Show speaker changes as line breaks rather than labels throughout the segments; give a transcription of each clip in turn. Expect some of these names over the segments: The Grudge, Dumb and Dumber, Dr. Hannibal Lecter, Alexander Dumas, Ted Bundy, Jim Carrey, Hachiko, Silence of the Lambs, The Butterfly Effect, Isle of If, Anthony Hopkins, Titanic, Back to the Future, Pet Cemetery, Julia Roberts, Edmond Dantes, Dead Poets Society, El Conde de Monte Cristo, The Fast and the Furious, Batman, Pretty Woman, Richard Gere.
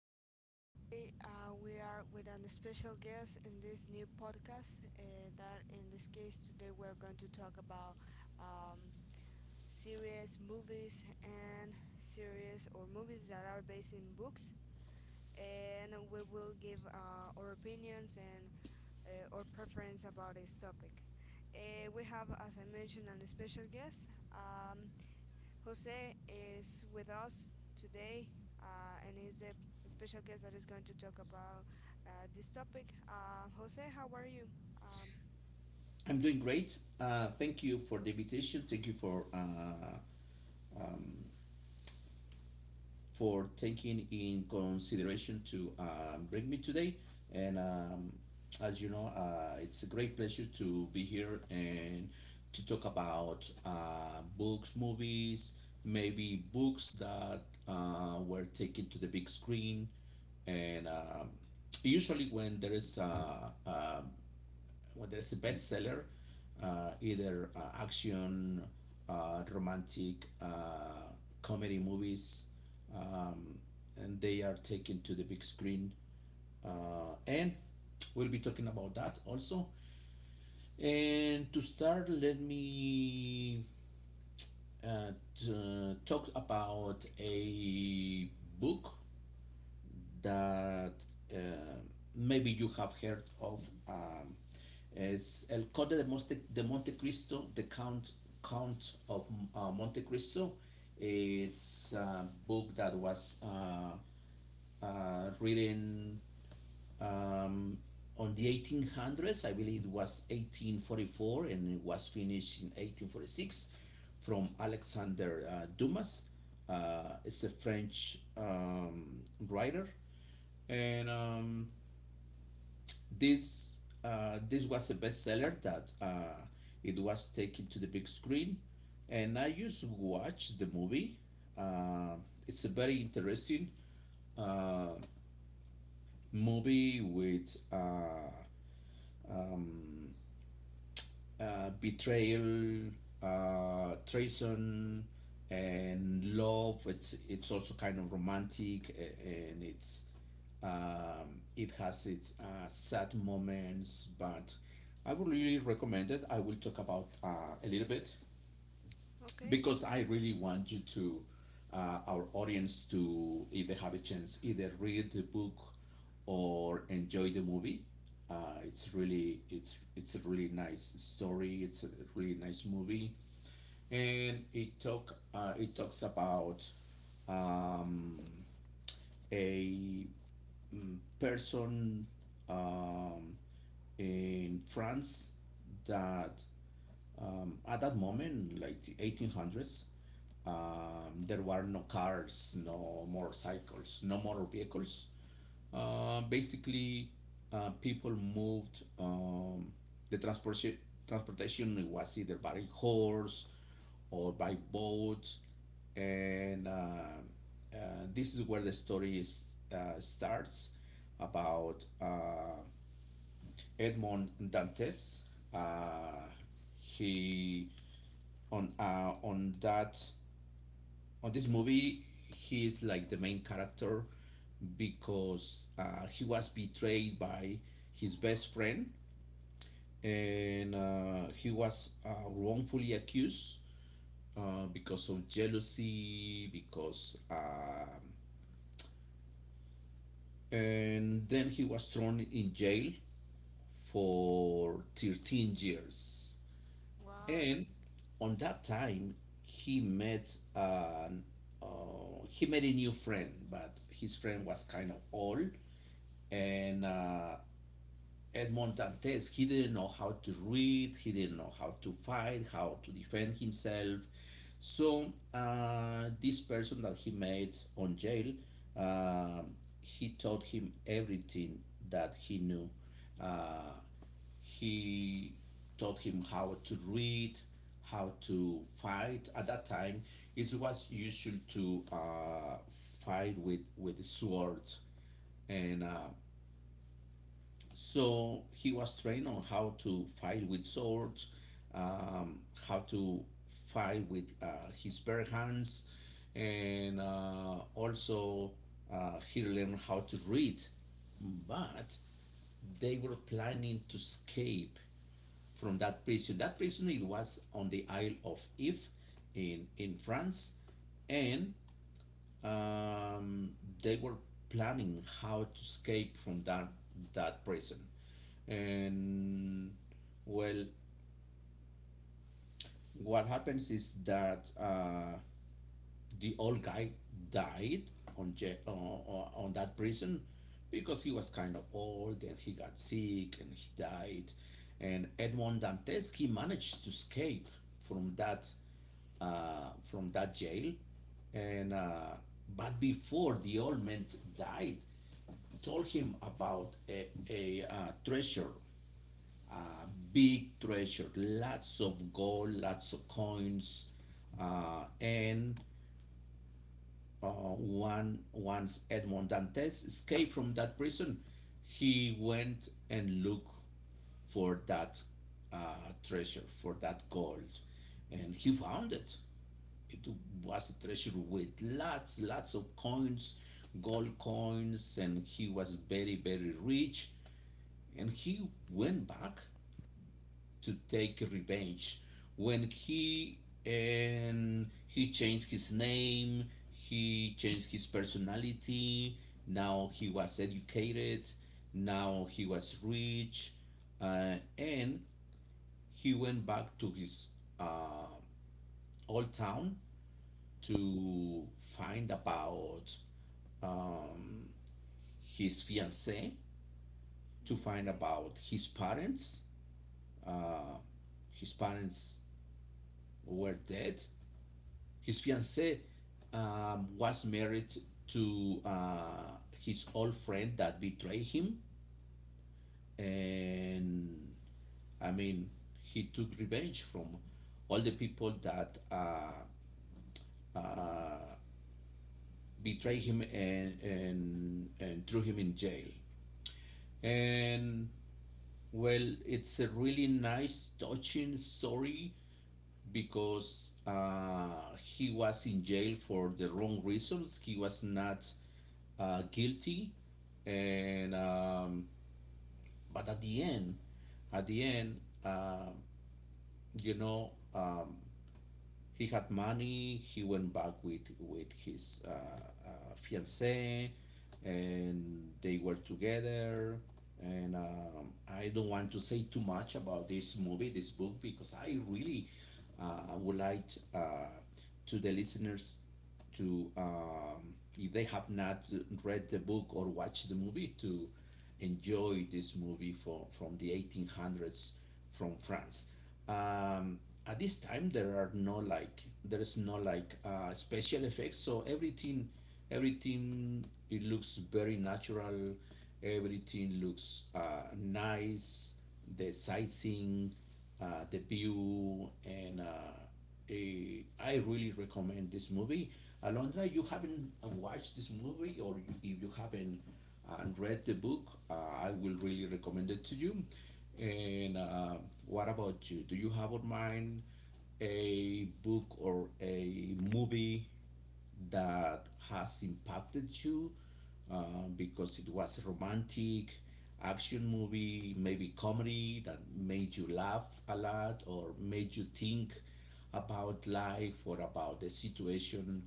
everybody. Today we are with a special guest in this new podcast. That in this case today we're going to talk about um, series movies and series or movies that are based in books, and we will give our opinions and our preference about this topic. We have, as I mentioned, a special guest. Um, Jose is with us today and he's a special guest that is going to talk about this topic. Jose, how are you? Um,
I'm doing great. Thank you for the invitation. Thank you for taking in consideration to bring me today. And as you know, it's a great pleasure to be here and to talk about books, movies, maybe books that were taken to the big screen. And usually, when there is a whether it's a bestseller, either action, romantic, comedy movies, um, and they are taken to the big screen. And we'll be talking about that also. And to start, let me uh, talk about a book that uh, maybe you have heard of. Um, it's El Conde de Monte Cristo, the Count of Monte Cristo. It's a book that was written um, on the 1800s. I believe it was 1844, and it was finished in 1846 from Alexander Dumas. It's a French writer and this this was a bestseller that it was taken to the big screen, and I used to watch the movie. uh, it's a very interesting uh, movie with betrayal, treason, and love. It's also kind of romantic, and it has its sad moments. But I would really recommend it. I will talk about a little bit
okay.
because I really want our audience to, if they have a chance, either read the book or enjoy the movie. It's a really nice story. It's a really nice movie, and it talks about um, a person in France that at that moment, like the 1800s, there were no cars, no motorcycles, no motor vehicles. Basically, people moved. The transportation was either by horse or by boat, and uh, this is where the story is, starts about Edmond Dantes. Uh, he on that on this movie he is like the main character because he was betrayed by his best friend, and he was wrongfully accused because of jealousy because and then he was thrown in jail for 13 years.
Wow.
And on that time he met an uh, he met a new friend, but his friend was kind of old. And Edmond Dantes, he didn't know how to read, he didn't know how to fight, how to defend himself. So this person that he made on jail, uh, he taught him everything that he knew. Uh, he taught him how to read, how to fight. At that time, it was usual to fight with swords, and so he was trained on how to fight with swords, um, how to fight with his bare hands, and also he learned how to read. But they were planning to escape from that prison. That prison, it was on the Isle of If in France, and um, they were planning how to escape from that prison. And well, what happens is that the old guy died on on that prison because he was kind of old, and he got sick and he died. And Edmond Dantes, he managed to escape from that from that jail, and but before the old man died, told him about a treasure, big treasure, lots of gold, lots of coins, and one once Edmond Dantes escaped from that prison, he went and looked for that uh, treasure, for that gold, and he found it. It was a treasure with lots of coins, gold coins, and he was very, very rich. And he went back to take revenge. When he And he changed his name, he changed his personality. Now he was educated, now he was rich, and he went back to his uh, old town to find about um, his fiancee, to find
Okay.
about his parents. uh, his parents were dead. His fiancée was married to his old friend that betrayed him, and I mean, he took revenge from all the people that uh, betrayed him and threw him in jail. And well, it's a really nice, touching story because he was in jail for the wrong reasons. He was not guilty, and but at the end, at the end, uh, you know, um, he had money. He went back with his fiancee, and they were together. And I don't want to say too much about this movie, this book, because I really would like uh, to the listeners to if they have not read the book or watched the movie to enjoy this movie from the 1800s from France. Um, at this time, there are no like there is no like special effects, so everything it looks very natural. Everything looks nice. The sizing, the view, and I really recommend this movie. Alondra, you haven't watched this movie, or if you haven't read the book, uh, I will really recommend it to you. And what about you? Do you have in mind a book or a movie that has impacted you because it was a romantic action movie, maybe comedy, that made you laugh a lot or made you think about life or about the situation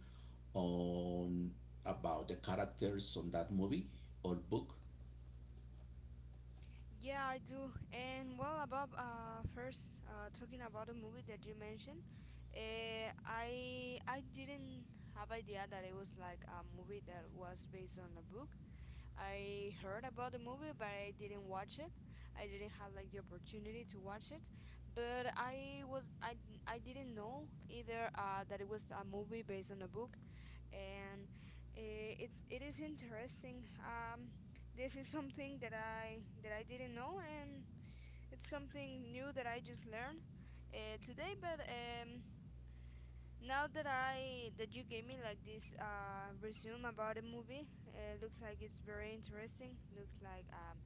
on about the characters on that movie or book?
Yeah, I do. And well, about first talking about the movie that you mentioned, I didn't have idea that it was like a movie that was based on a book. I heard about the movie, but I didn't watch it. I didn't have like the opportunity to watch it. But I was I didn't know either that it was a movie based on a book, and it is interesting. This is something that I didn't know, and it's something new that I just learned today. But now that I that you gave me like this resume about the movie, it looks like it's very interesting. Looks like um,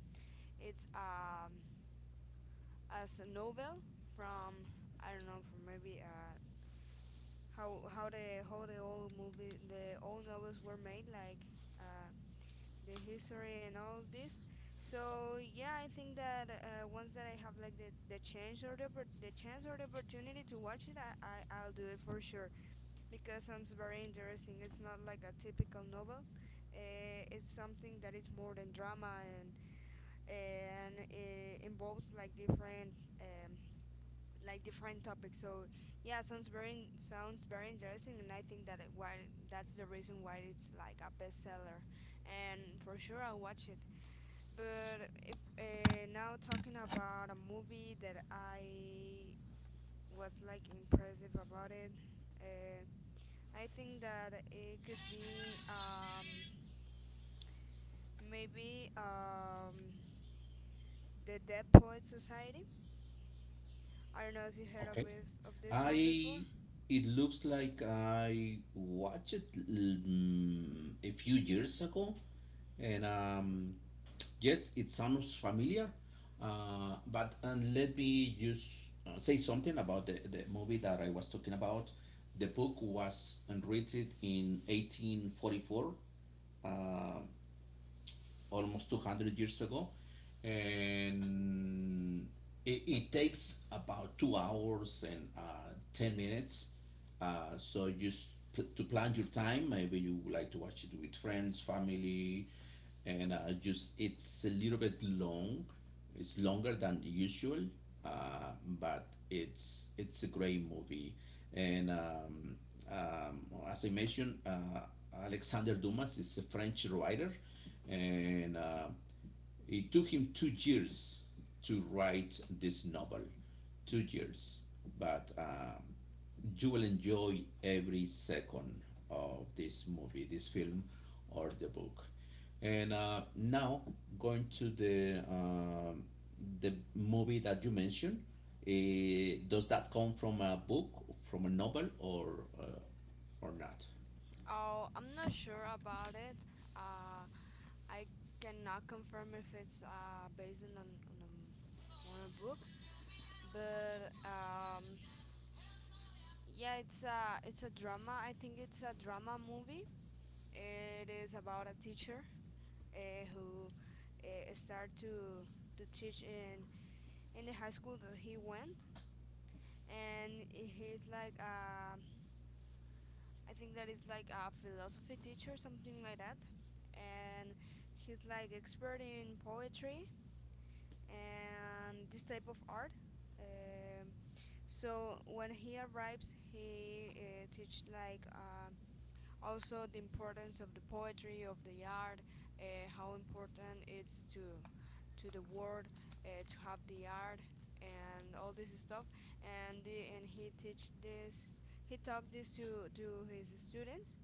it's um, as a novel from I don't know from maybe how the old novels were made like uh, the history and all this. So yeah, I think that once that I have like the chance or the opportunity to watch it, I'll do it for sure. Because sounds very interesting. It's not like a typical novel. It's something that is more than drama and it involves um, like different topics. So yeah, sounds very interesting, and I think that it, why that's the reason why it's like a bestseller. And for sure, I'll watch it. But if now talking about a movie that I was like impressive about it. Uh, I think that it could be maybe the Dead Poet Society. I don't know if you heard of
Okay.
it, of this one before.
I it looks like I watched it a few years ago, and yes, it sounds familiar. But and let me just say something about the movie that I was talking about. The book was written in 1844. Uh, almost 200 years ago, and it takes about 2 hours and 10 minutes, so just to plan your time. Maybe you would like to watch it with friends, family, and just it's a little bit long, it's longer than usual, uh, but it's a great movie. And um, as I mentioned, Alexander Dumas is a French writer, and it took him 2 years to write this novel. 2 years. But You will enjoy every second of this movie, this film, or the book. And Now, going to the movie that you mentioned, does that come from a book, from a novel, or not?
Oh, I'm not sure about it. Uh, I cannot confirm if it's based on a book, but yeah, it's a drama. I think it's a drama movie. It is about a teacher who start to teach in the high school that he went, and he's like I think that is like a philosophy teacher, something like that, and he's like expert in poetry and this type of art. Um, so when he arrives, he teach like also the importance of the poetry of the art, how important it's to the world, to have the art and all this stuff. And and he taught this to his students,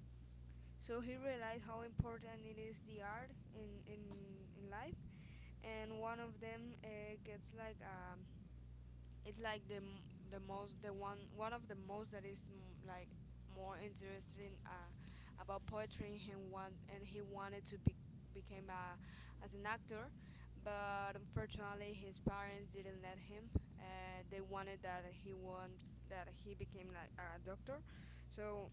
so he realized how important it is the art in life. And one of them gets like it's like the most the one one of the most that is like more interesting about poetry, and he wanted to be became a as an actor, but unfortunately his parents didn't let him. They wanted that he wants that he became like a doctor, so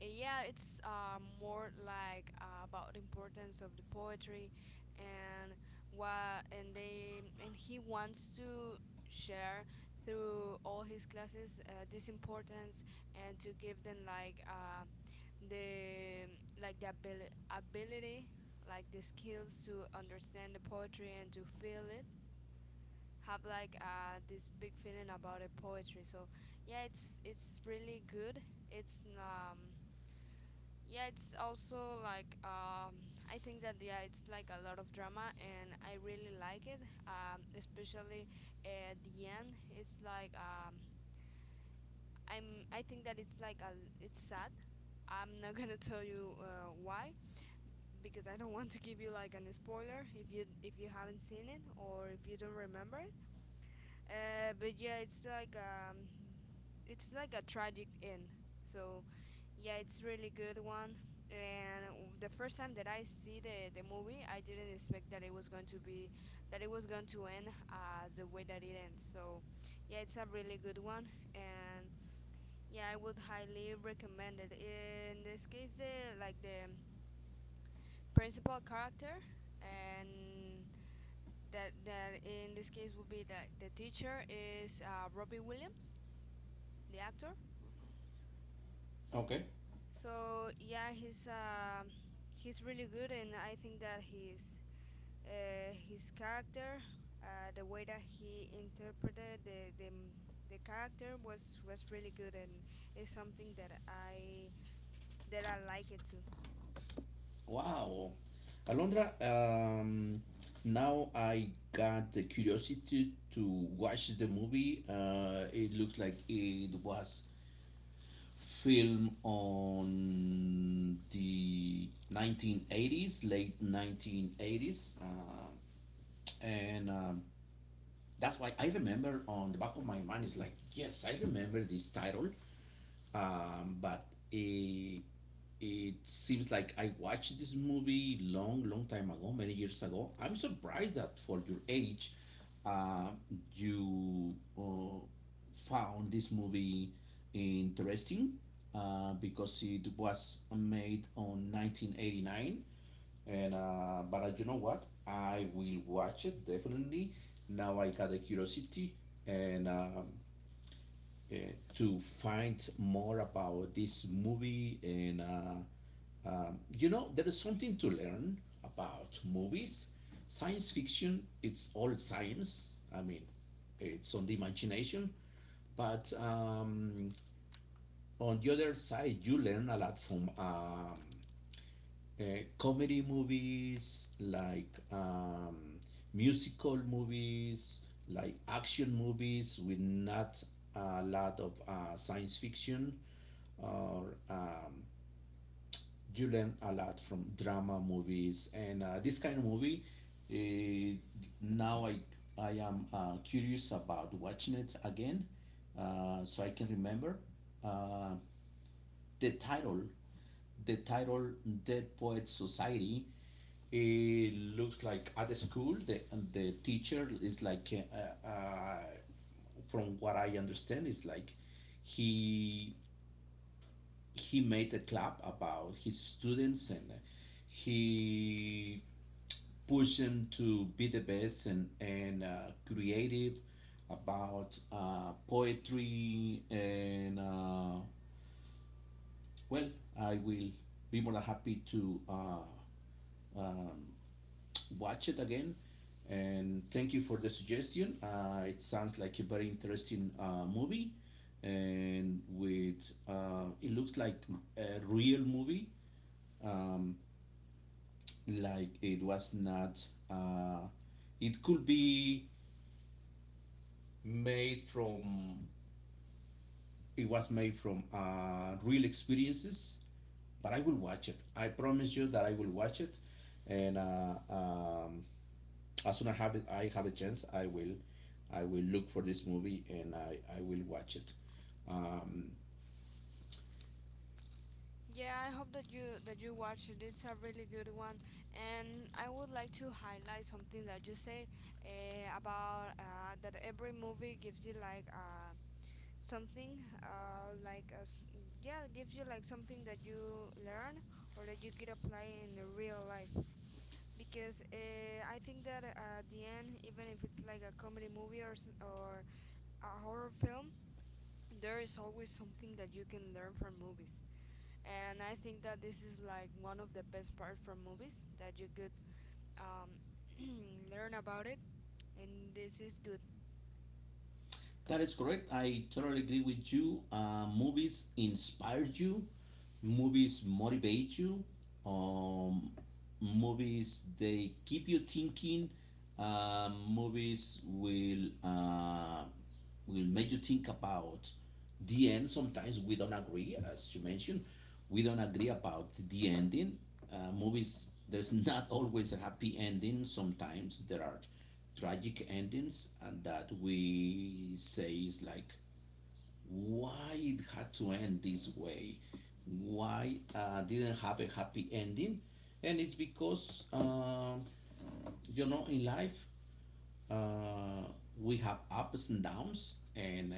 yeah, it's more like about the importance of the poetry, and what and they and he wants to share through all his classes this importance, and to give them like the the ability, like the skills to understand the poetry and to feel it, have like this big feeling about the poetry. So yeah, it's really good. It's yeah, it's also like I think that yeah, it's like a lot of drama, and I really like it. Especially at the end, it's like I think that it's like a. It's sad. I'm not gonna tell you why, because I don't want to give you like an spoiler if you haven't seen it or if you don't remember. But yeah, it's like a tragic end. So yeah, it's really good one. And the first time that I see the movie, I didn't expect that it was going to end as the way that it ends. So yeah, it's a really good one. And yeah, I would highly recommend it. In this case, the principal character, and that in this case would be the teacher, is Robbie Williams, the actor.
Okay.
So yeah, he's really good, and I think that his character, the way that he interpreted the character was really good, and it's something that I like it too.
Wow. Alondra, now I got the curiosity to watch the movie. It looks like it was filmed on the 1980s, late 1980s. And That's why I remember on the back of my mind is like, yes, I remember this title, but it, it seems like I watched this movie long, long time ago, many years ago. I'm surprised that for your age, uh, you found this movie interesting because it was made on 1989, and but you know what? I will watch it definitely. Now I got a curiosity, and uh, to find more about this movie. And You know, there is something to learn about movies. Science fiction, it's all science, it's on the imagination, but on the other side you learn a lot from uh, comedy movies, like musical movies, like action movies with not a lot of science fiction, or you learn a lot from drama movies and this kind of movie. Uh, now I am curious about watching it again, so I can remember. Uh, the title, the title Dead Poets Society, it looks like at the school, the teacher is like, from what I understand, is like he he made a club about his students, and he pushed them to be the best and creative about poetry, and well, I will be more than happy to watch it again. And thank you for the suggestion. It sounds like a very interesting movie, and with it looks like a real movie. Um, like it was not. Uh, it could be made from. It was made from real experiences. But I will watch it. I promise you that I will watch it, and as soon as I have a chance, I will look for this movie, and I will watch it. Um,
Yeah, I hope that you watch it. It's a really good one, and I would like to highlight something that you said about that every movie gives you like a something, like as yeah, it gives you like something that you learn or that you could apply in the real life. Because I think that at the end, even if it's like a comedy movie or a horror film, there is always something that you can learn from movies. And I think that this is like one of the best parts from movies, that you could um, learn about it. And this is good.
That is correct. I totally agree with you. Movies inspire you, movies motivate you, um, movies they keep you thinking. Movies will make you think about the end. Sometimes we don't agree, as you mentioned, we don't agree about the ending. Movies there's not always a happy ending. Sometimes there are tragic endings, and that, we say, is like, why it had to end this way, why didn't have a happy ending, and it's because, in life, uh, we have ups and downs, and, uh,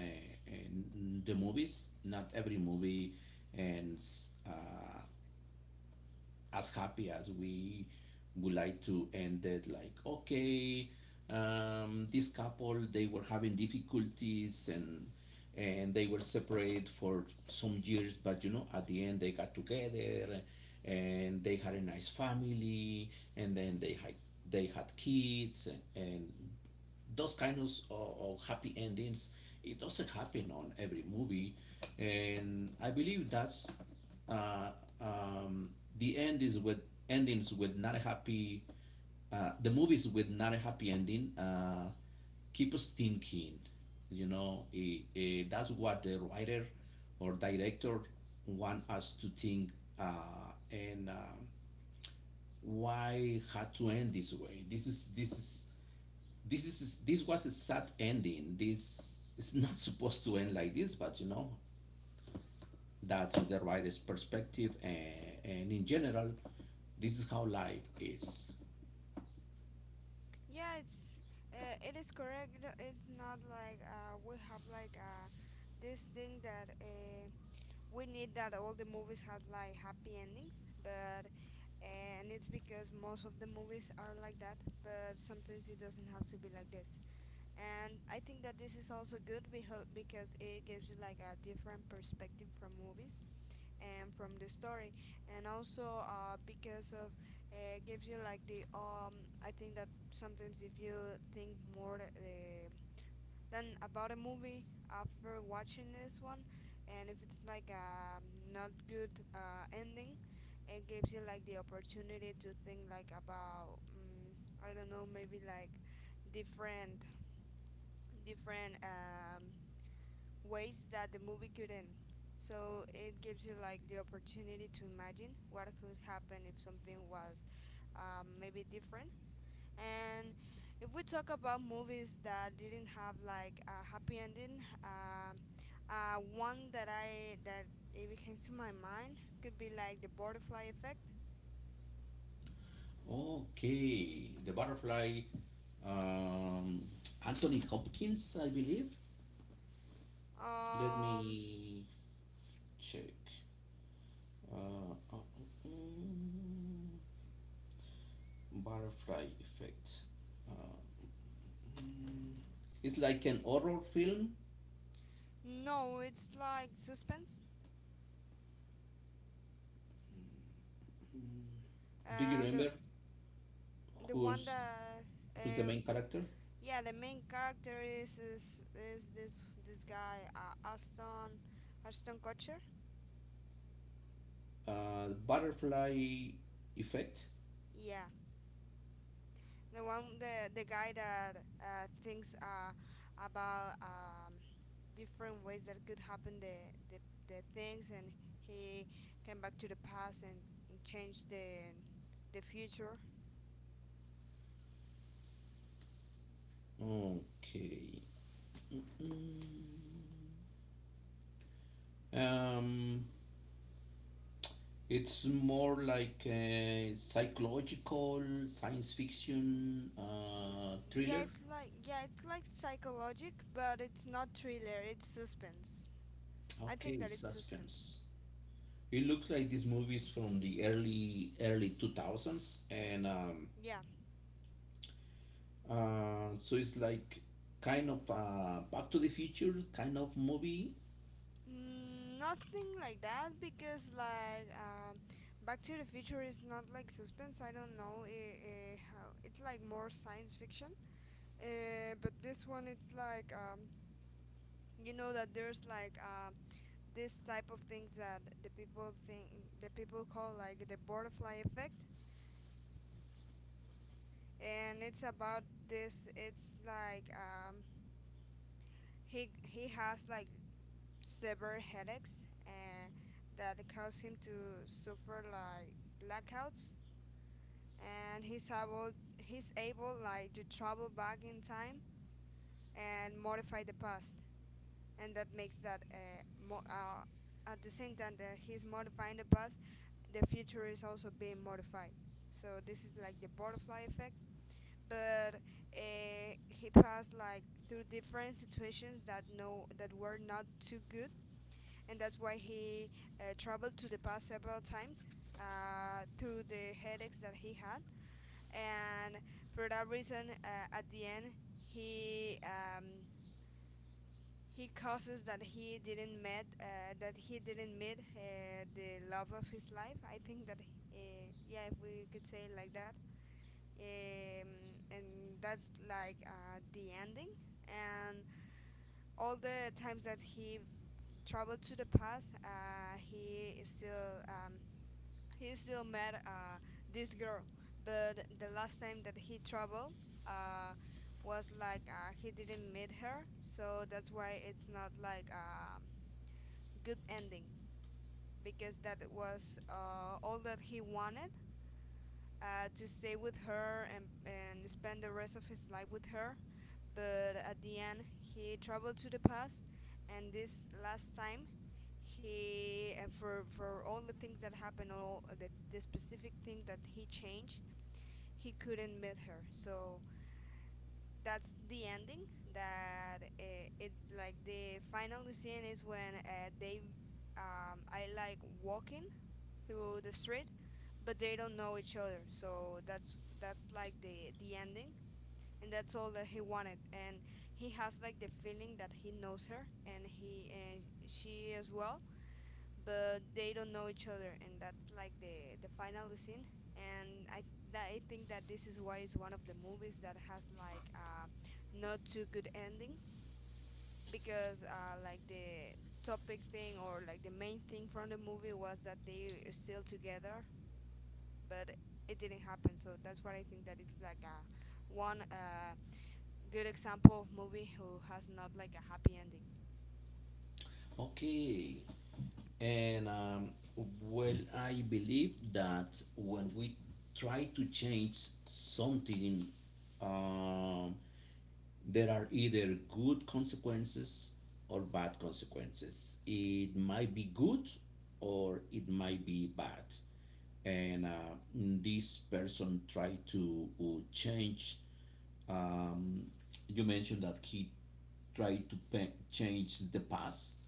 and the movies, not every movie ends, as happy as we would like to end it, like, okay. This couple, they were having difficulties, and they were separate for some years, but, at the end they got together, and they had a nice family, and then they had kids, and those kind of happy endings, it doesn't happen on every movie. And I believe that's, uh, um, the end is with endings with not a happy, the movies with not a happy ending, keep us thinking. It, that's what the writer or director want us to think, and why had to end this way. This is, this was a sad ending. This is not supposed to end like this, but, that's the writer's perspective, and in general, this is how life is.
Yeah, it is correct. It's not like we have like this thing that we need that all the movies have like happy endings, but uh, and it's because most of the movies are like that, but sometimes it doesn't have to be like this. And I think that this is also good because it gives you like a different perspective from movies and from the story, and also because of gives you like the I think that sometimes, if you think more than about a movie after watching this one, and if it's like a not good ending, it gives you like the opportunity to think like about I don't know, maybe like different different ways that the movie could end. So it gives you like the opportunity to imagine what could happen if something was maybe different. And if we talk about movies that didn't have like a happy ending, one that I that it came to my mind could be like the butterfly effect.
Okay, the butterfly, um, Anthony Hopkins, I believe. Let
Um,
me check. Uh, uh, mm, Butterfly effect. Uh, mm, it's like an horror film.
no, it's like suspense.
Do you
Uh, the
remember,
the one
whose
that
who's the
uh,
main character?
yeah, the main character is this guy, Ashton Aston Kutcher.
Butterfly effect.
Yeah, the one the guy that thinks about different ways that could happen the things, and he came back to the past and changed the future.
Okay. Mm. Um, it's more like a psychological science fiction,
Yeah,
thriller.
it's like psychologic, but it's not thriller. It's suspense. I think
Okay,
that it's suspense.
suspense. It looks like this movie is from the early early 2000s, and,
Yeah.
so it's, like, kind of, Back to the Future kind of movie.
Mm, nothing like that because like Back to the Future is not like suspense. I don't know, how it's like more science fiction. But this one it's like you know that there's like this type of things that the people think, the people call like the butterfly effect, and it's about this. It's like, he has like severe headaches, and that cause him to suffer like blackouts, and he's able like to travel back in time and modify the past, and that makes that at the same time that he's modifying the past, the future is also being modified. So this is like the butterfly effect. But he passed like through different situations that were not too good, and that's why he traveled to the past several times through the headaches that he had. And for that reason, at the end, he um, he causes that he didn't met that he didn't meet the love of his life. I think that uh, yeah, if we could say it like that, and that's like the ending. And all the times that he traveled to the past, he is still he still met this girl, but the last time that he traveled uh, was like he didn't meet her. So that's why it's not like a good ending, because that was all that he wanted, to stay with her and spend the rest of his life with her. But at the end he traveled to the past, and this last time he for all the things that happened, all the specific thing that he changed, he couldn't meet her. So that's the ending. That it like the final scene is when they I like walking through the street, but they don't know each other. So that's like the ending, and that's all that he wanted. And he has like the feeling that he knows her, and he and she as well, but they don't know each other, and that's like the final scene. And I I think that this is why it's one of the movies that has like not too good ending, because like the topic thing, or like the main thing from the movie was that they are still together, but it didn't happen. So that's why I think that it's like a one good example of movie who has not like a happy ending.
Okay. And well, I believe that when we try to change something, um, there are either good consequences or bad consequences. It might be good, or it might be bad. And, this person tried to, change, um, you mentioned that he tried to change the past,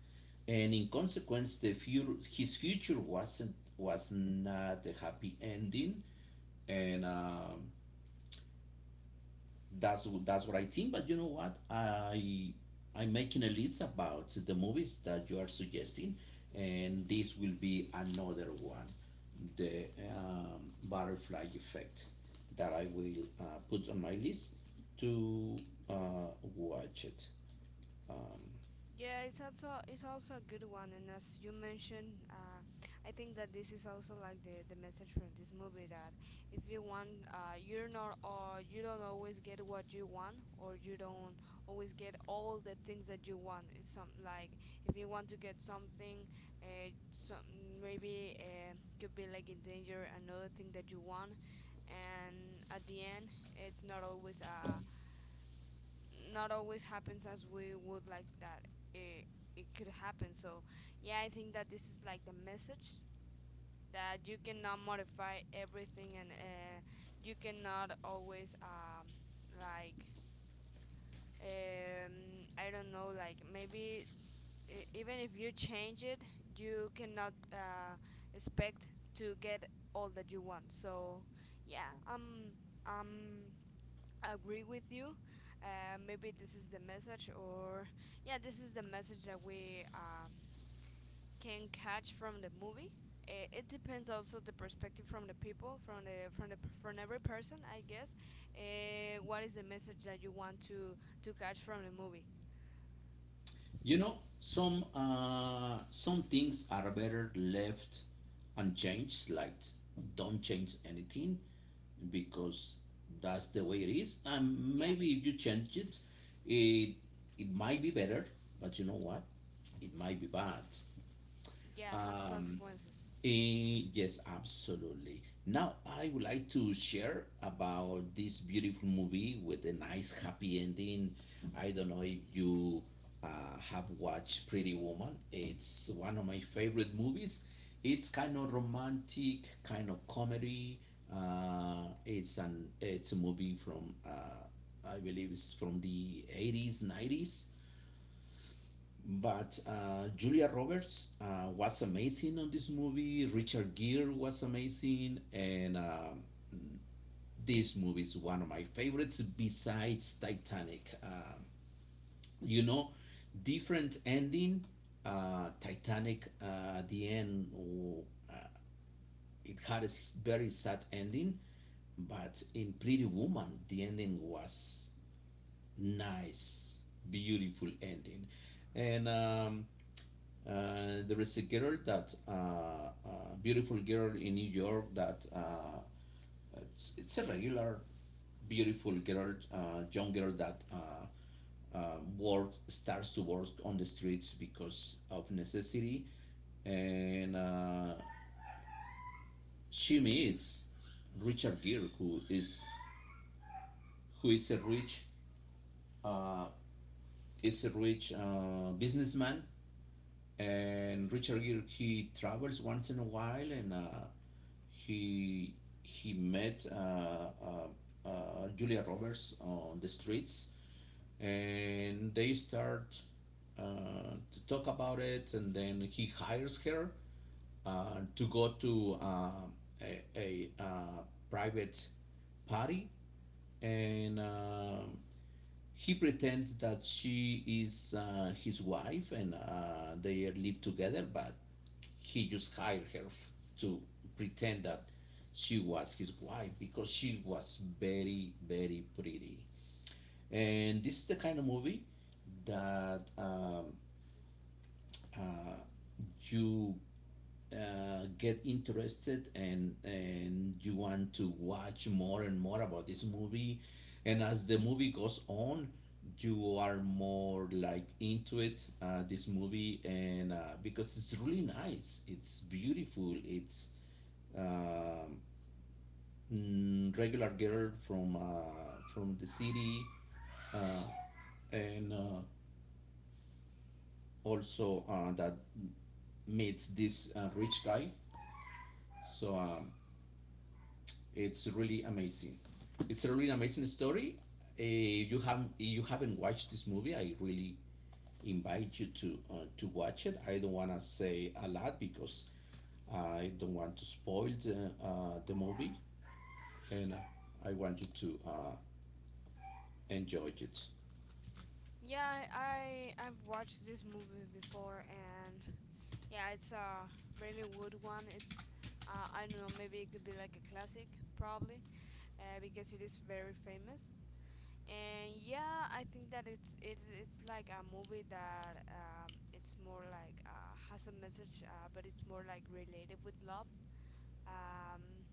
and in consequence, the future, his future was not a happy ending, and, that's what I think. But you know what? I'm making a list about the movies that you are suggesting, and this will be another one, the, butterfly effect, that I will, put on my list to, uh, watch it.
Yeah, it's also a good one, and as you mentioned, I think that this is also like the message from this movie that if you want, you don't always get what you want, or you don't always get all the things that you want. It's some like, if you want to get something, some maybe could be like in danger another thing that you want, and at the end, it's not always a not always happens as we would like that it, it could happen. So, yeah, I think that this is like the message that you cannot modify everything, and you cannot always, like, I don't know, like maybe even if you change it, you cannot expect to get all that you want. So, yeah, I'm agree with you. Maybe this is the message, or yeah, this is the message that we can catch from the movie. It depends also the perspective from the people, from the from the from every person, I guess. What is the message that you want to catch from the movie?
Some things are better left unchanged. Like, don't change anything, because that's the way it is. And
Yeah,
maybe if you change it, it it might be better. But you know what? It might be bad.
yeah, has consequences.
Yes, absolutely. Now, I would like to share about this beautiful movie with a nice happy ending. I don't know if you, have watched Pretty Woman. It's one of my favorite movies. It's kind of romantic, kind of comedy. It's a movie from, I believe it's from the 80s, 90s. But, Julia Roberts, was amazing on this movie. Richard Gere was amazing, and, this movie is one of my favorites, besides Titanic. You know, Different ending. Titanic, the end, oh, it had a very sad ending, but in Pretty Woman, the ending was nice, beautiful ending. And. Um, Uh, there is a girl that, a beautiful girl in New York that, it's a regular beautiful girl, young girl that, works starts to work on the streets because of necessity, and, she meets Richard Gere, who is a rich, uh, is a rich, businessman, and Richard Gere, he travels once in a while, and, he he met, Julia Roberts on the streets, and they start, to talk about it, and then he hires her, to go to, a private party, and, he pretends that she is, his wife, and, they live together, but he just hired her to pretend that she was his wife, because she was very, very pretty. And this is the kind of movie that, uh, you, get interested, and you want to watch more and more about this movie, and as the movie goes on you are more like into it, this movie, and, because it's really nice, it's beautiful, it's, um, regular girl from, from the city, uh, and, also, that meets this, rich guy. So, it's really amazing. It's a really amazing story. You haven't watched this movie. I really invite you to watch it. I don't want to say a lot, because I don't want to spoil the movie, and I want you to, enjoy it.
Yeah, I I've watched this movie before, and yeah, it's a really good one. It's I don't know, maybe it could be like a classic, probably. Because it is very famous. And yeah, I think that it's like a movie that it's more like has a message, but it's more like related with love. Um,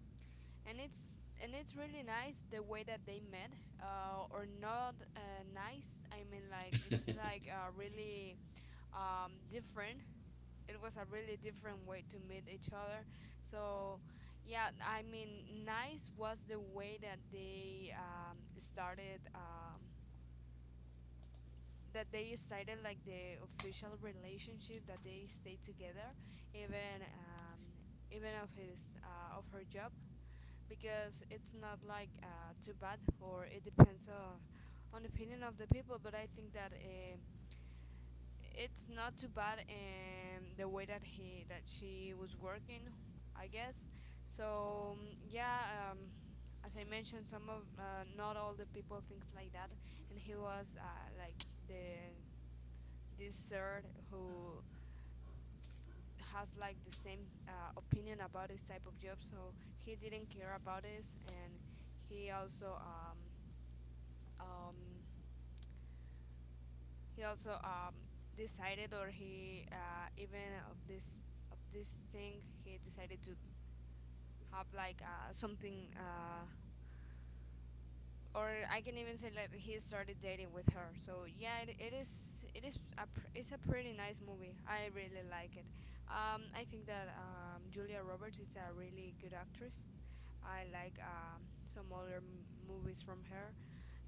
and it's really nice the way that they met, or not nice. I mean, like it's like really different, it was a really different way to meet each other. So yeah, I mean, nice was the way that they started. That they started like the official relationship, that they stayed together, even even of his of her job, because it's not like too bad, or it depends on opinion of the people. But I think that it's not too bad in the way that he that she was working, I guess. So yeah, as I mentioned, some of not all the people thinks like that, and he was like the this third who has like the same opinion about this type of job. So he didn't care about this, and he also um um he also decided, or he even of this thing, he decided to have like something or I can even say like he started dating with her. So yeah, it is it's a pretty nice movie, I really like it. I think that Julia Roberts is a really good actress. I like some other movies from her,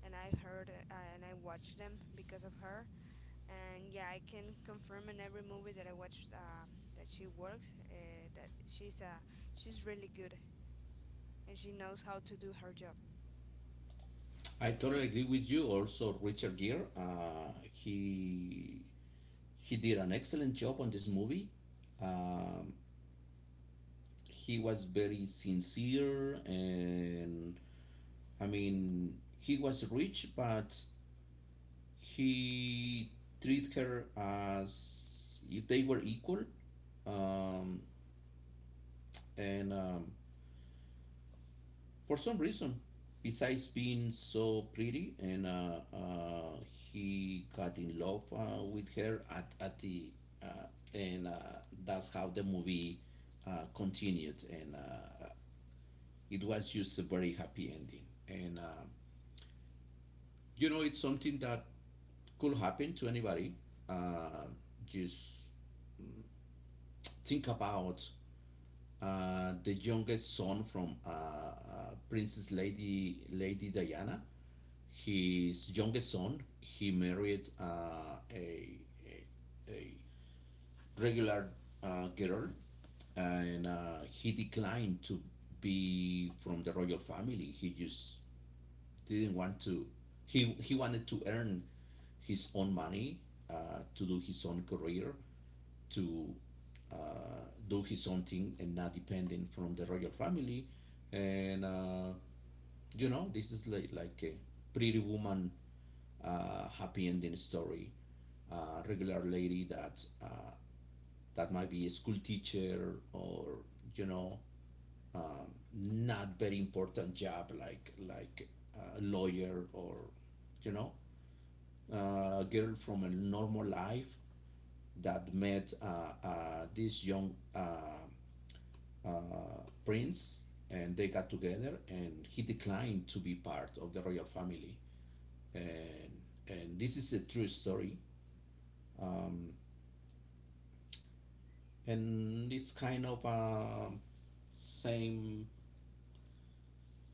and I've heard and I watched them because of her. And yeah, I can confirm in every movie that I watch that she works that she's really good, and she knows how to do her job.
I totally agree with you. Also, Richard Gere, he did an excellent job on this movie. Um, he was very sincere, and, I mean, he was rich, but he treated her as if they were equal. Um, and for some reason, besides being so pretty, and, he got in love, with her at the, uh, and, that's how the movie, continued, and, it was just a very happy ending. And, it's something that could happen to anybody. Uh, just think about, the youngest son from, Princess Lady Diana. His youngest son, he married, a regular, girl, and, he declined to be from the royal family. He just didn't want to. He wanted to earn his own money, to do his own career, to, do his own thing, and not depending from the royal family. And, this is like, a Pretty Woman, happy ending story. Regular lady that might be a school teacher, or, you know um, not very important job, like a lawyer, or, you know a girl from a normal life, that met, this young, uh, prince, and they got together, and he declined to be part of the royal family. And and this is a true story, um, and it's kind of, same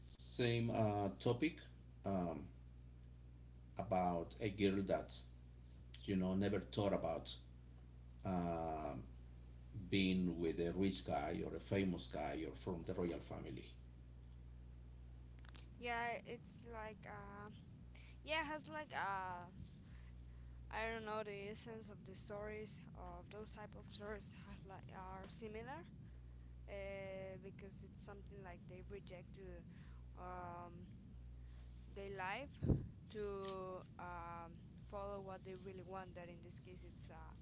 same topic, um, about a girl that, never thought about, uh, being with a rich guy, or a famous guy, or from the royal family.
Yeah, it's like yeah, it has like I don't know, the essence of the stories of those type of stories are, like, are similar, because it's something like they reject um, their life to follow what they really want. That in this case, it's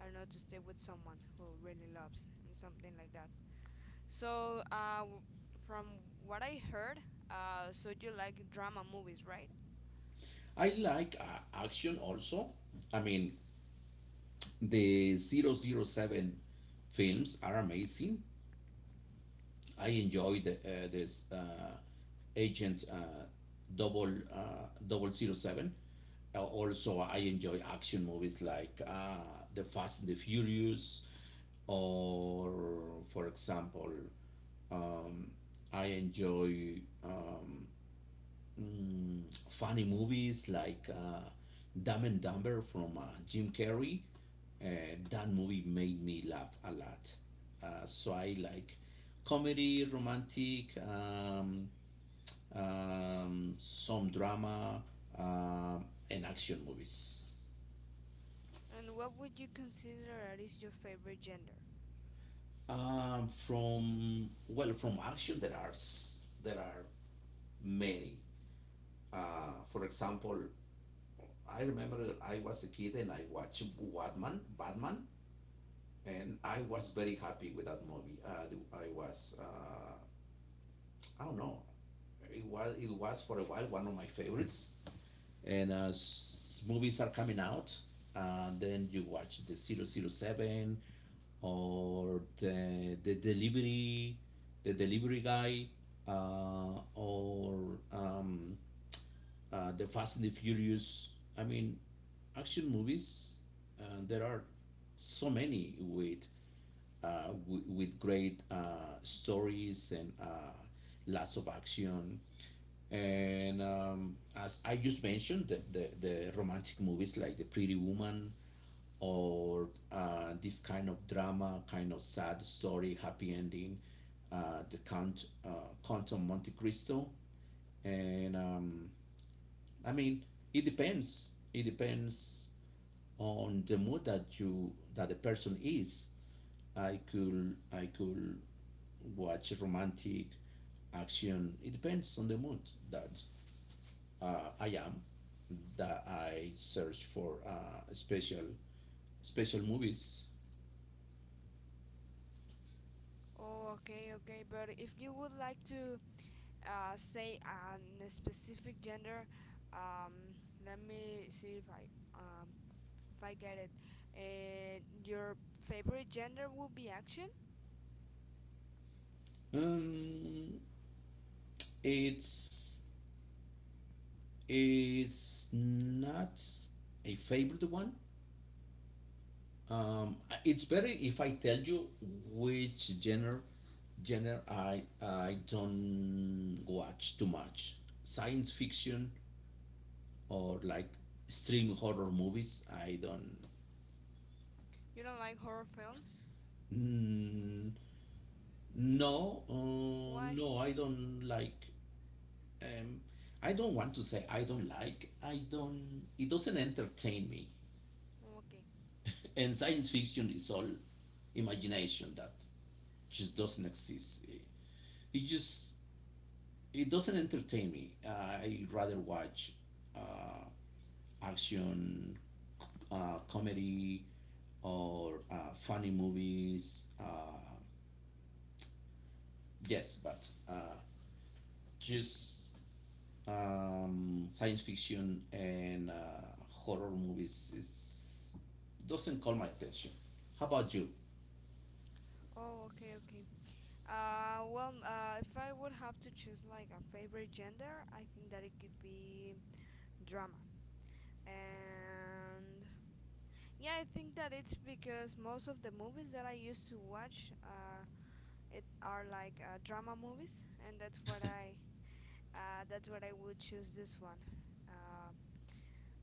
I don't know, to stay with someone who really loves and something like that. So, from what I heard, so you like drama movies, right?
I like, action also. I mean, the 007 films are amazing. I enjoy this, Agent, double 07. Also, I enjoy action movies like, The Fast and the Furious, or, for example, um, I enjoy, mm, funny movies like, Dumb and Dumber from, Jim Carrey. That movie made me laugh a lot. So I like comedy, romantic, some drama, uh, and action movies.
And what would you consider that is your favorite gender?
From action there are, there are many. For example, I remember I was a kid and I watched Batman. Batman. And I was very happy with that movie. I was uh, I don't know. It was for a while one of my favorites. And as movies are coming out, then you watch the zero zero 007, or the delivery guy, or, the Fast and the Furious. I mean, action movies. There are so many with, with great, stories, and, lots of action. And, as I just mentioned, the romantic movies like The Pretty Woman, or, this kind of drama, kind of sad story, happy ending, uh, The Count, uh, Count of Monte Cristo. And I mean, it depends. It depends on the mood that you, that the person is. I could watch romantic, action. It depends on the mood that, I am. That I search for, special movies.
Oh, okay, okay. But if you would like to say on a specific gender, um, let me see um, if I get it. Your favorite gender would be action?
Um, it's it's not a favorite one. Um, it's better if I tell you which genre I don't watch too much. Science fiction, or like extreme horror movies. I don't.
You don't like horror films?
Mm, no, uh,
Why?
no, I don't like. Um, I don't want to say I don't like. I don't. It doesn't entertain me.
Oh, okay.
And science fiction is all imagination that just doesn't exist. It just it doesn't entertain me. I rather watch, uh, action, comedy, or, funny movies. Yes, but, just science fiction and, horror movies, doesn't call my attention. How about you?
Oh, okay, okay. Well, if I would have to choose like a favorite gender, I think that it could be drama. And yeah, I think that it's because most of the movies that I used to watch, it are like drama movies, and that's that's what I would choose this one. Uh,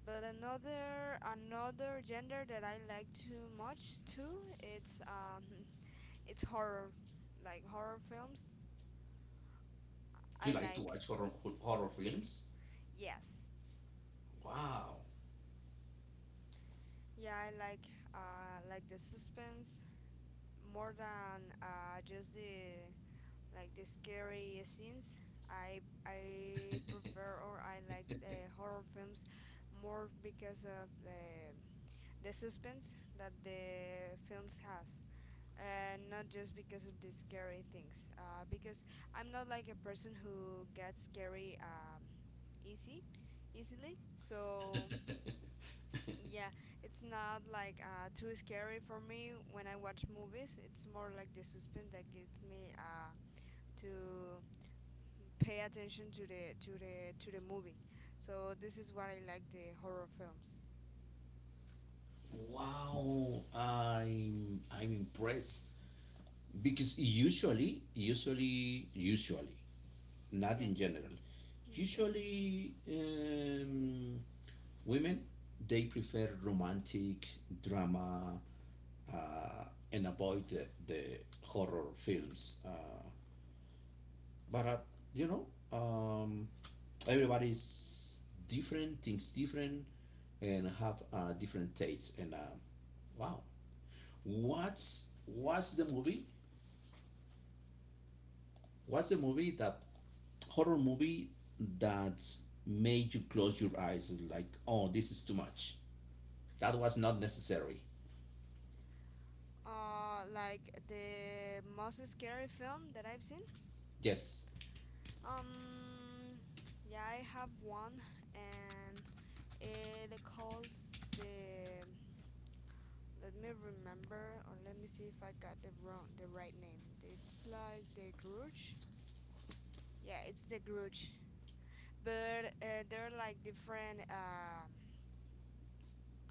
but another gender that I like too much too, it's it's horror, like horror films.
Do
I
you like to
like.
watch horror films?
Yes.
Wow,
Yeah, I like the suspense more than just the like the scary scenes. I prefer, or I like the horror films more because of the suspense that the films has. And not just because of the scary things. Because I'm not like a person who gets scary easy easily. So yeah, it's not like too scary for me when I watch movies. It's more like the suspense that gives me to pay attention to the movie. So this is what I like the horror films.
wow! I'm impressed, because usually, not
Yeah,
in general.
yeah.
Usually, women, they prefer romantic drama, uh, and avoid the horror films. But you know, um, everybody's different, thinks different, and have, different tastes. And, wow. What's what's the movie What's the movie, that horror movie, that made you close your eyes and, like, oh, this is too much. That was not necessary.
Like the most scary film that I've seen.
Yes.
Um, yeah, I have one, and it calls the let me remember, or let me see if I got the right name. It's like the Grudge. Yeah, it's the Grudge. But they're like different.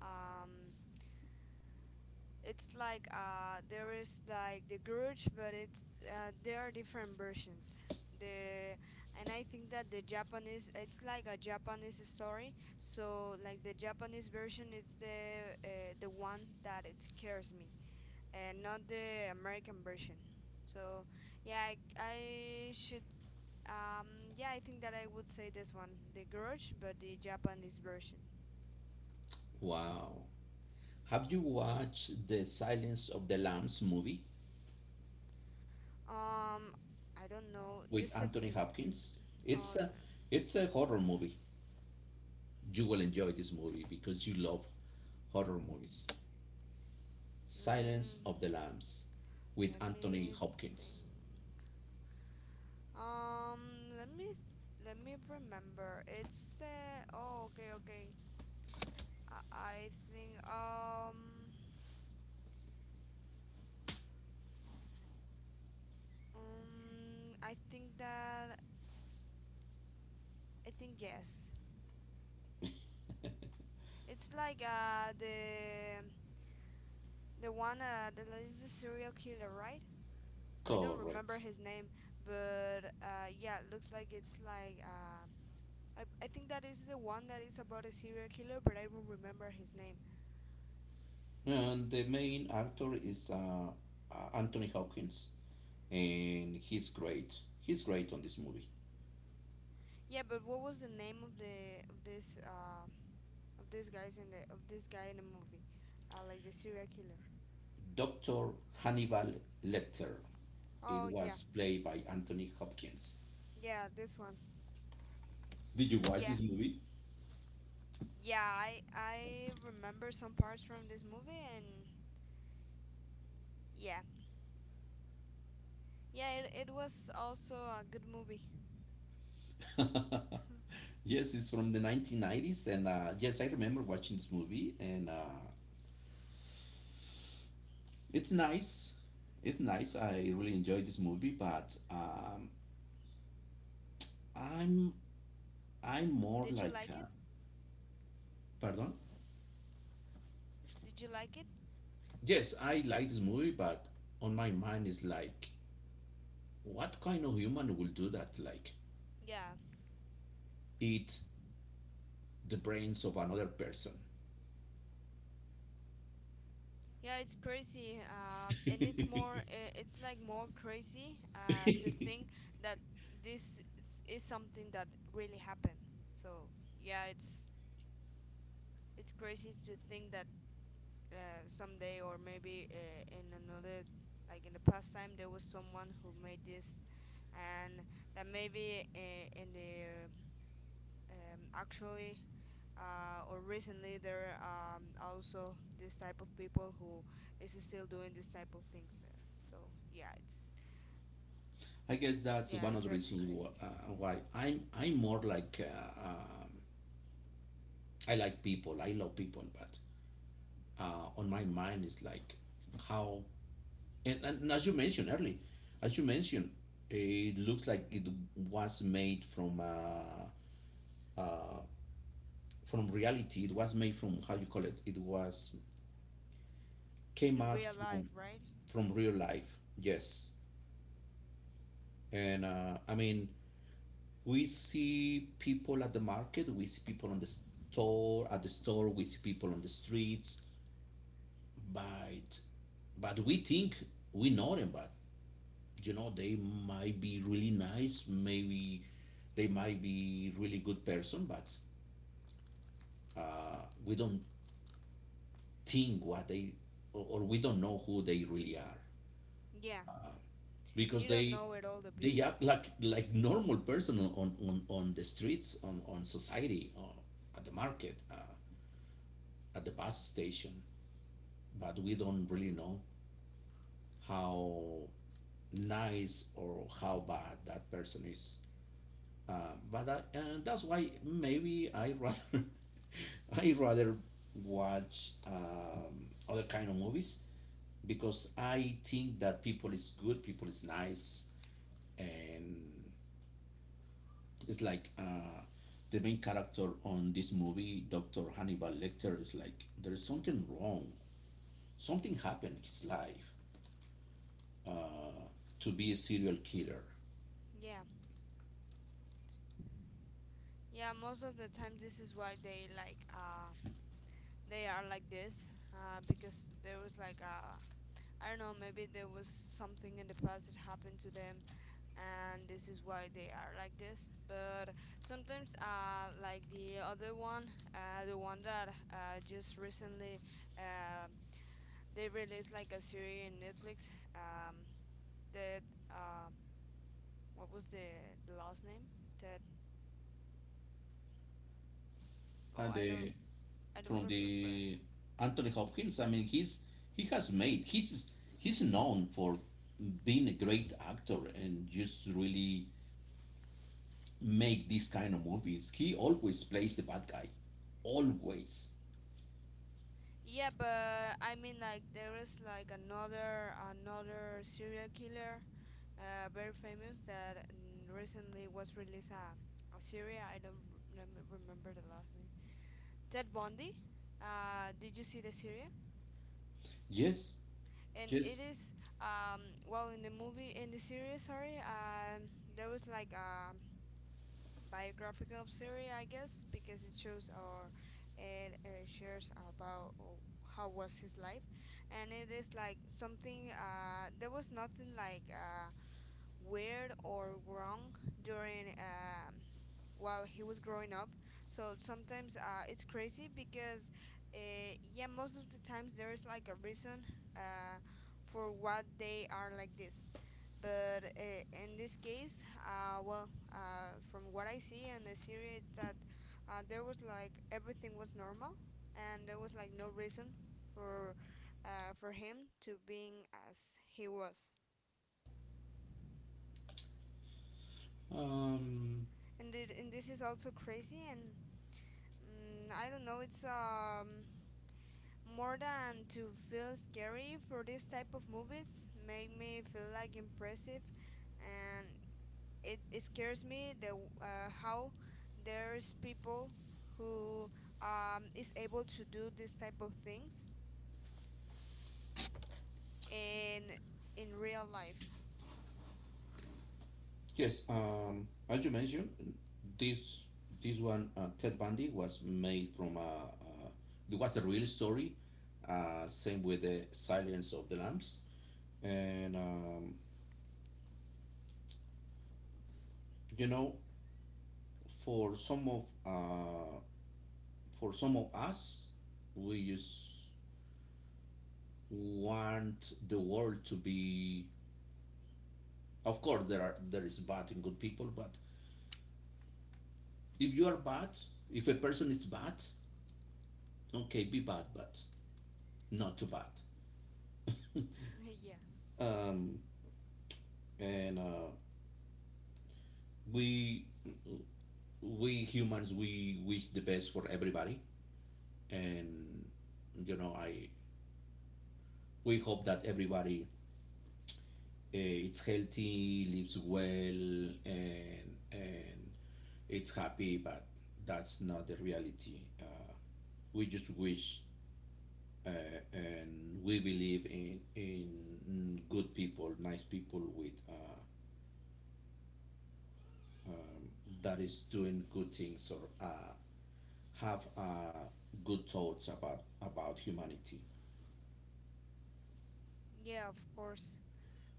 um, it's like there is like the Grudge, but it's there are different versions. The and I think that the Japanese, it's like a Japanese story. So like the Japanese version is the one that it scares me, and not the American version. So yeah, I should. Um, yeah, I think that I would say this one, the Grudge, but the Japanese version.
Wow. Have you watched the Silence of the Lambs movie
Um, I don't know. You
with
said
Anthony
this.
Hopkins?
Oh,
It's a horror movie. You will
mm,
enjoy this movie because you love horror movies. Silence
mm,
of the Lambs with
let
Anthony
me
Hopkins.
think. Let me let me remember. It's oh, okay, okay. I, I think um I think that I think yes. It's like the one that is the serial killer, right? I don't remember
Correct.
his name, but yeah, looks like it's like I think that is the one that is about a serial killer, but I don't remember his name.
And the main actor is Anthony Hopkins, and he's great. He's great on this movie.
Yeah, but what was the name of the of this guys in the of this guy in the movie? Like the serial killer.
Dr. Hannibal Lecter. It
Oh yeah,
was played by Anthony Hopkins.
yeah, this one.
Did you watch
Yeah,
this movie?
yeah, I remember some parts from this movie, and yeah, yeah, it was also a good movie.
Yes, it's from the 1990s, and yes, I remember watching this movie, and it's nice. It's nice. I really enjoyed this movie, but I'm I'm more
Did you
like,
like it?
pardon.
Did you like it?
Yes, I like this movie, but on my mind is like, what kind of human will do that? Like,
Yeah.
eat the brains of another person.
Yeah, it's crazy. And it's more, it's like more crazy to think that this is something that really happened. So, yeah, it's crazy to think that someday, or maybe in another, like in the past time, there was someone who made this, and that maybe in the actually or recently there are also this type of people who is still doing this type of things. So yeah, it's
I guess that's
yeah,
one
it
of the
drives you
reasons
crazy
why I'm more like I like people, I love people, but on my mind is like how and as you mentioned early, as you mentioned, it looks like it was made uh, from reality. It was made from how you call it. It was came
in
out
real life, right?
from real life. Yes, and I mean we see people at the market. We see people on the store, at the store. We see people on the streets. But but we think we know them. But you know they might be really nice. Maybe they might be really good person. But we don't think what they or we don't know who they really are.
Yeah,
Because
you don't know it all the
they
people.
act like normal person on the streets on society or at the market, at the bus station, but we don't really know how nice or how bad that person is, but that's why maybe I rather I rather watch other kind of movies because I think that people is good, people is nice, and it's like the main character on this movie, Dr. Hannibal Lecter, is like there is something wrong. Something happened in his life to be a serial killer.
Yeah, yeah. Most of the time, this is why they like they are like this because there was like I don't know, maybe there was something in the past that happened to them, and this is why they are like this. But sometimes like the other one, the one that just recently um, they released like a series in Netflix, um, that um, what was the last name that oh
And
I don't
from
remember
the Anthony Hopkins, I mean, he's he's known for being a great actor and just really make these kind of movies. He always plays the bad guy, always.
yeah but I mean like there is like another serial killer very famous that recently was released a series. I don't remember the last name. Ted Bundy. Did you see the series?
Yes,
And it
yes.
is um, well in the movie in the series. Sorry, there was like a biographical series, I guess, because it shows or it shares about how was his life, and it is like something. There was nothing like weird or wrong during while he was growing up. So sometimes it's crazy because yeah, most of the times there is like a reason uh, for what they are like this, but in this case, from what I see in the series it's that there was like everything was normal and there was like no reason for for him to being as he was.
Um,
And this is also crazy, and I don't know, it's more than to feel scary for this type of movies, make me feel like impressive. And it scares me the how there's people who is able to do this type of things in in real life.
Yes, as you mentioned, this this one Ted Bundy was made from it was a real story. Same with the Silence of the Lambs, and you know, for some of uh, for some of us, we just want the world to be. Of course, there are there is bad and good people, but if you are bad, if a person is bad, okay, be bad, but not too bad,
Yeah.
um, and we we humans we wish the best for everybody, and you know I we hope that everybody it's healthy, lives well, and it's happy. But that's not the reality. We just wish uh, and we believe in good people, nice people with um, that is doing good things or have good thoughts about humanity.
Yeah, of course,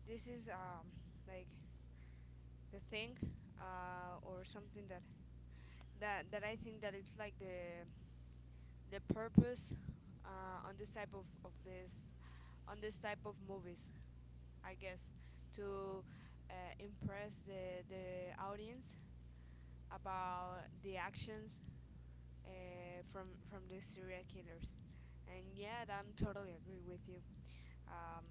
this is like the thing or something that that I think that it's like the purpose on this type of this on this type of movies, I guess, to impress the audience about the actions from these serial killers. And yeah, I'm totally agree with you. Um,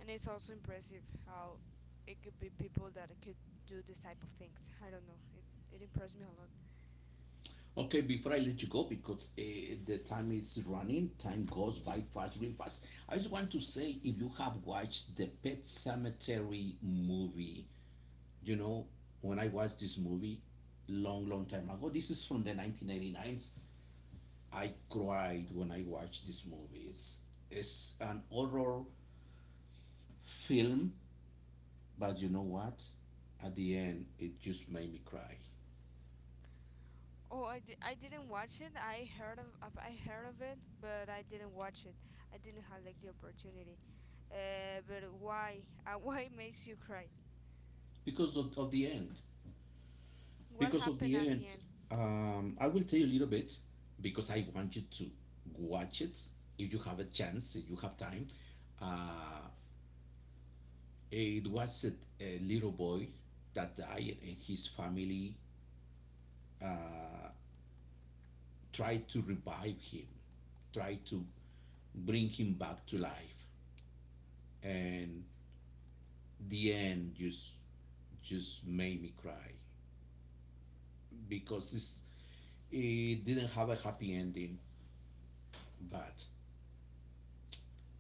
and it's also impressive how it could be people that could do this type of things. I don't know. It impressed me a lot.
Okay, before I let you go, because the time is running, time goes by fast, really fast. I just want to say, if you have watched the Pet Cemetery movie, you know, when I watched this movie, long, long time ago, this is from the 1989s. I cried when I watched this movie. It's an horror film, but you know what? At the end, it just made me cry.
Oh, I didn't watch it. I heard of it, but I didn't watch it. I didn't have like the opportunity. But why? Why makes you cry?
Because of the end,
What
because of
happened
the
at the
end,
end?
I will tell you a little bit because I want you to watch it if you have a chance, if you have time. uh, it was a little boy that died and his family tried to revive him, tried to bring him back to life, and the end just made me cry because it's, it didn't have a happy ending. But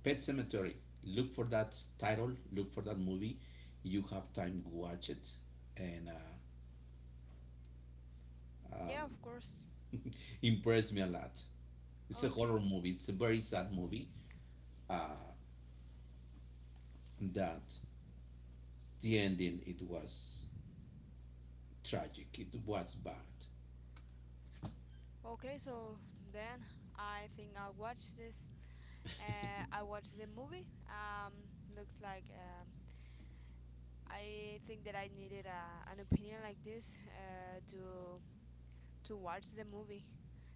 Pet Cemetery. Look for that title. Look for that movie. You have time to watch it, and
Yeah, of course.
impressed me a lot. It's a
Okay.
horror movie. It's a very sad movie. That the ending it was tragic. It was bad.
Okay, so then I think I'll watch this. I watched the movie. Looks like I think that I needed a, an opinion like this to watch the movie.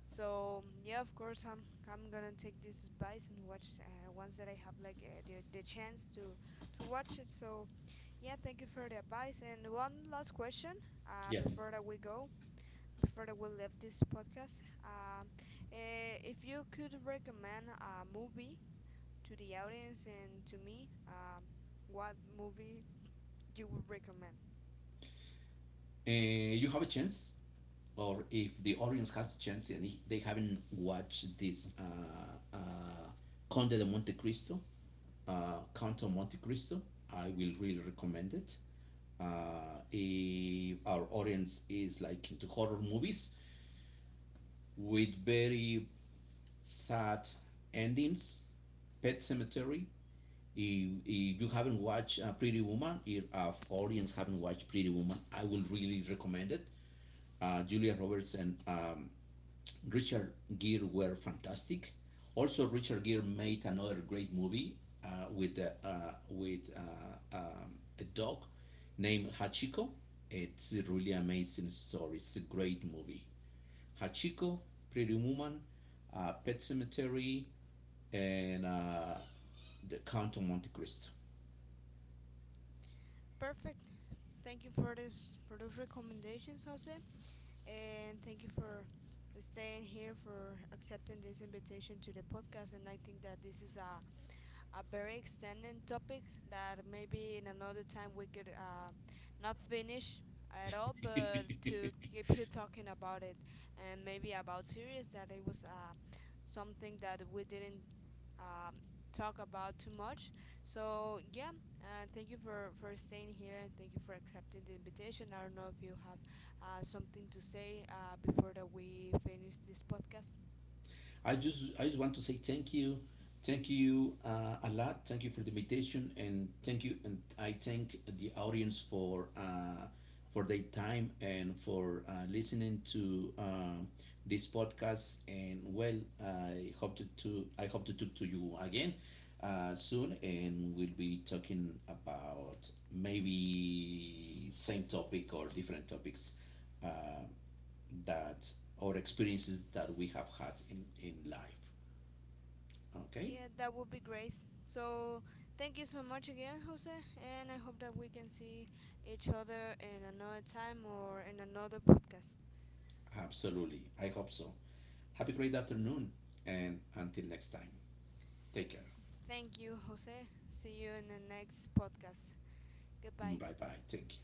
So yeah, of course I'm gonna take this advice and watch once that I have like the chance to watch it. So yeah, thank you for the advice. And one last question
Yes.
before that we go, before that we leave this podcast. If you could recommend a movie to the audience and to me, what movie you would recommend?
You have a chance, or if the audience has a chance and they haven't watched this Conde de Monte Cristo, Count of Monte Cristo, I will really recommend it. If our audience is like into horror movies with very sad endings, Pet Cemetery. If you haven't watched Pretty Woman, if our audience haven't watched Pretty Woman, I will really recommend it. Julia Roberts and Richard Gere were fantastic. Also, Richard Gere made another great movie with a dog named Hachiko. It's a really amazing story. It's a great movie. Hachiko, Pretty Woman, Pet Cemetery, and The Count of Monte Cristo.
Perfect. Thank you for this for those recommendations, Jose, and thank you for staying here for accepting this invitation to the podcast. And I think that this is a very extended topic that maybe in another time we could not finish at all, but to keep you talking about it and maybe about series that it was something that we didn't um, talk about too much. So yeah, thank you for staying here, and thank you for accepting the invitation. I don't know if you have something to say before that we finish this podcast.
I just want to say thank you a lot. Thank you for the invitation and thank you, and I thank the audience for their time and for listening to this podcast. And well, I hope to I hope to talk to you again soon, and we'll be talking about maybe same topic or different topics. Uh, that or experiences that we have had in life. Okay?
Yeah, that would be great. So, thank you so much again, Jose, and I hope that we can see each other in another time or in another podcast.
Absolutely. I hope so. Have a great afternoon and until next time. Take care.
Thank you, Jose. See you in the next podcast. Goodbye.
Bye bye. Thank you.